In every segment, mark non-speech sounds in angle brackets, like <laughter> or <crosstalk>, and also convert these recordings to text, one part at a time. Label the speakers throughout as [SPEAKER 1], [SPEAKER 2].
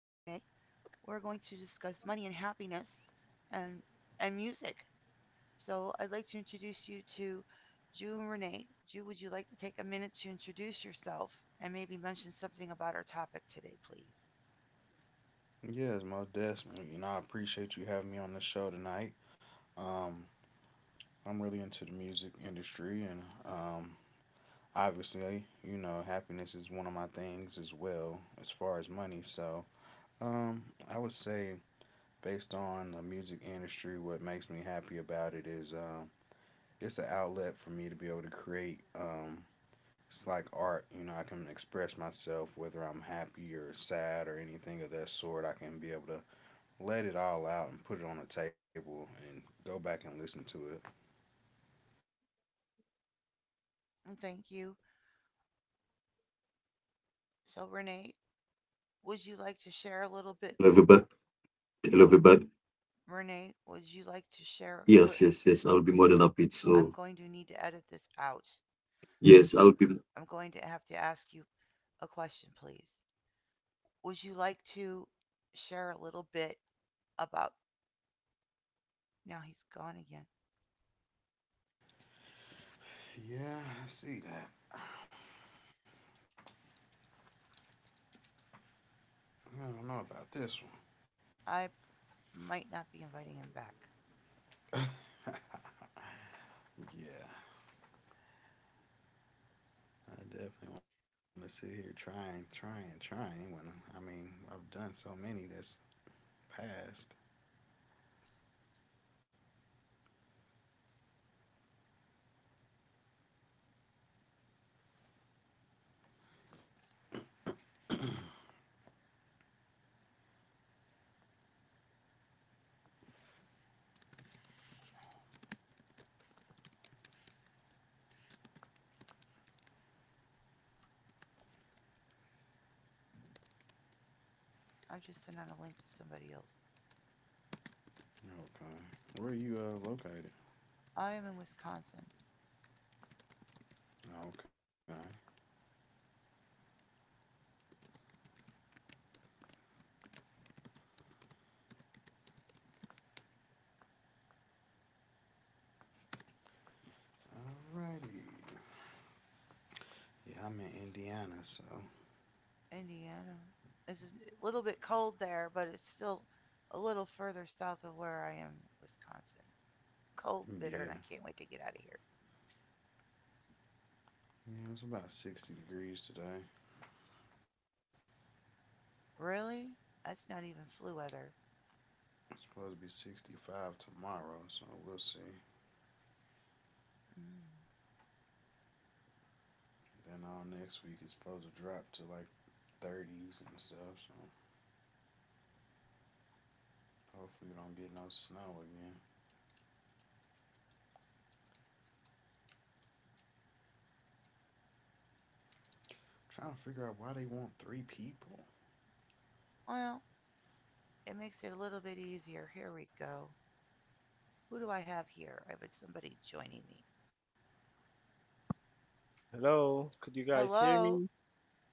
[SPEAKER 1] We're going to discuss money and happiness and music. So I'd like to introduce you to Ju and Renee. Ju, would you like to take a minute to introduce yourself and maybe mention something about our topic today, please?
[SPEAKER 2] Yes, most definitely. And I appreciate you having me on the show tonight. Um, I'm really into the music industry, and happiness is one of my things as well, as far as money. So, um, I would say, based on the music industry, what makes me happy about it is it's an outlet for me to be able to create. It's like art. I can express myself, whether I'm happy or sad or anything of that sort. I can be able to let it all out and put it on the table and go back and listen to it.
[SPEAKER 1] And thank you. So Renee, would you like to share a little bit? Renee, would you like to share a little? I'm going to need to edit this out. I'm going to have to ask you a question, please. Would you like to share a little bit about. Now he's gone again.
[SPEAKER 2] Yeah, I see that. I don't know about this one.
[SPEAKER 1] I might not be inviting him back.
[SPEAKER 2] Yeah, I definitely want to sit here trying. I've done so many that's passed.
[SPEAKER 1] I've just sent out a link to somebody else.
[SPEAKER 2] Okay. Where are you located?
[SPEAKER 1] I am in Wisconsin,
[SPEAKER 2] Okay. Alrighty. Yeah, I'm in Indiana, so
[SPEAKER 1] Indiana. It's a little bit cold there, but it's still a little further south of where I am, Wisconsin. It's cold, bitter,
[SPEAKER 2] yeah.
[SPEAKER 1] and I can't wait to get out of here.
[SPEAKER 2] Yeah, it's about 60 degrees today.
[SPEAKER 1] Really? That's not even flu weather.
[SPEAKER 2] It's supposed to be 65 tomorrow, so we'll see.
[SPEAKER 1] Mm.
[SPEAKER 2] Then all next week it's supposed to drop to like 30s and stuff. So hopefully we don't get no snow again. I'm trying to figure out why they want 3 people.
[SPEAKER 1] Well, it makes it a little bit easier. Here we go. Who do I have here? I have somebody joining me.
[SPEAKER 3] Hello, could you guys hear
[SPEAKER 1] Hello?
[SPEAKER 3] me?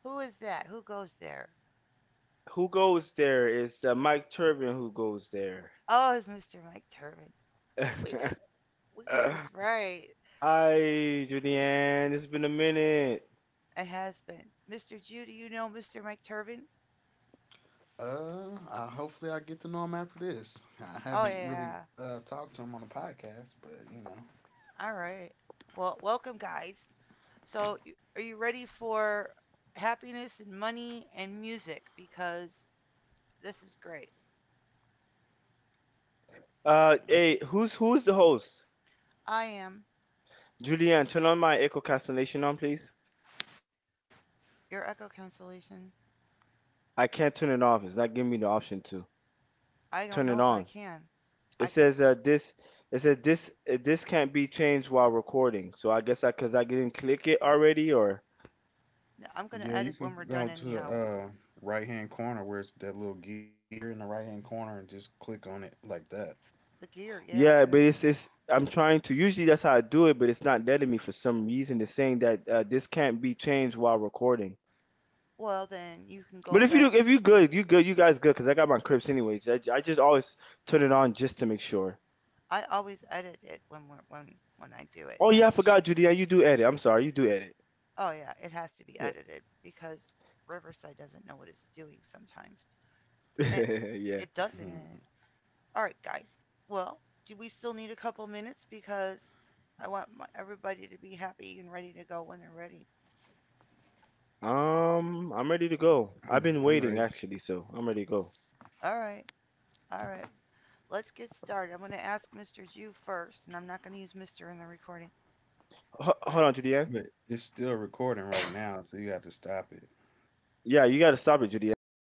[SPEAKER 1] Who is that? Who goes there?
[SPEAKER 3] Who goes there? Is It's Mike Turbin who goes there.
[SPEAKER 1] Oh, it's Mr. Mike Turbin. We get we get this
[SPEAKER 3] <laughs>
[SPEAKER 1] right.
[SPEAKER 3] Hi, Julianne. It's been a minute.
[SPEAKER 1] It has been. Mr. Jew, do you know Mr. Mike Turbin?
[SPEAKER 2] Hopefully I get to know him after this. I
[SPEAKER 1] Oh
[SPEAKER 2] haven't really
[SPEAKER 1] yeah.
[SPEAKER 2] talked to him on the podcast, but
[SPEAKER 1] All right. Well, welcome guys. So, are you ready for happiness and money and music? Because this is great.
[SPEAKER 2] I'm,
[SPEAKER 3] Hey, who's the host?
[SPEAKER 1] I am
[SPEAKER 3] Julianne, turn on my echo cancellation on, please.
[SPEAKER 1] your echo cancellation.
[SPEAKER 3] I can't turn it off. It's not giving me the option to
[SPEAKER 1] I don't
[SPEAKER 3] turn
[SPEAKER 1] know
[SPEAKER 3] it
[SPEAKER 1] if I
[SPEAKER 3] on.
[SPEAKER 1] can.
[SPEAKER 3] It
[SPEAKER 1] I
[SPEAKER 3] says this. It said this. This can't be changed while recording. So I guess I, cause I didn't click it already, or.
[SPEAKER 1] I'm going
[SPEAKER 2] yeah,
[SPEAKER 1] to
[SPEAKER 2] you
[SPEAKER 1] edit
[SPEAKER 2] can
[SPEAKER 1] when we're
[SPEAKER 2] go
[SPEAKER 1] done
[SPEAKER 2] to the
[SPEAKER 1] anyhow.
[SPEAKER 2] right hand corner where it's that little gear in the right hand corner and just click on it like that.
[SPEAKER 1] The gear, yeah,
[SPEAKER 3] Yeah,
[SPEAKER 1] and
[SPEAKER 3] but
[SPEAKER 1] then
[SPEAKER 3] it's I'm trying to usually that's how I do it, but it's not letting me for some reason. It's saying that this can't be changed while recording.
[SPEAKER 1] well then you can go
[SPEAKER 3] But if you
[SPEAKER 1] back.
[SPEAKER 3] do, if you good, you good, you guys good, because I got my Crips anyways. I just always turn it on just to make sure.
[SPEAKER 1] I always edit it when when I do it.
[SPEAKER 3] Oh
[SPEAKER 1] I
[SPEAKER 3] yeah, I
[SPEAKER 1] make
[SPEAKER 3] forgot,
[SPEAKER 1] sure.
[SPEAKER 3] Judy. Yeah, you do edit. I'm sorry, you do edit.
[SPEAKER 1] Oh yeah, it has to be
[SPEAKER 3] Yeah,
[SPEAKER 1] edited because Riverside doesn't know what it's doing sometimes, and it
[SPEAKER 3] <laughs> yeah.
[SPEAKER 1] it
[SPEAKER 2] <laughs>
[SPEAKER 1] doesn't. All right, guys. Well, do we still need a couple minutes? Because I want everybody to be happy and ready to go when they're ready.
[SPEAKER 3] I'm ready to go. I've been
[SPEAKER 2] I'm ready,
[SPEAKER 3] waiting actually, so I'm ready to go.
[SPEAKER 1] All right, all right. Let's get started. I'm going to ask Mr. Jew first, and I'm not going to use Mr. in the recording.
[SPEAKER 3] Ho-
[SPEAKER 1] All
[SPEAKER 3] hold on,
[SPEAKER 1] right.
[SPEAKER 3] Judy. Ann.
[SPEAKER 2] but it's still recording right now, so you have to stop it.
[SPEAKER 3] Yeah, you gotta stop it, Judy. Ann. This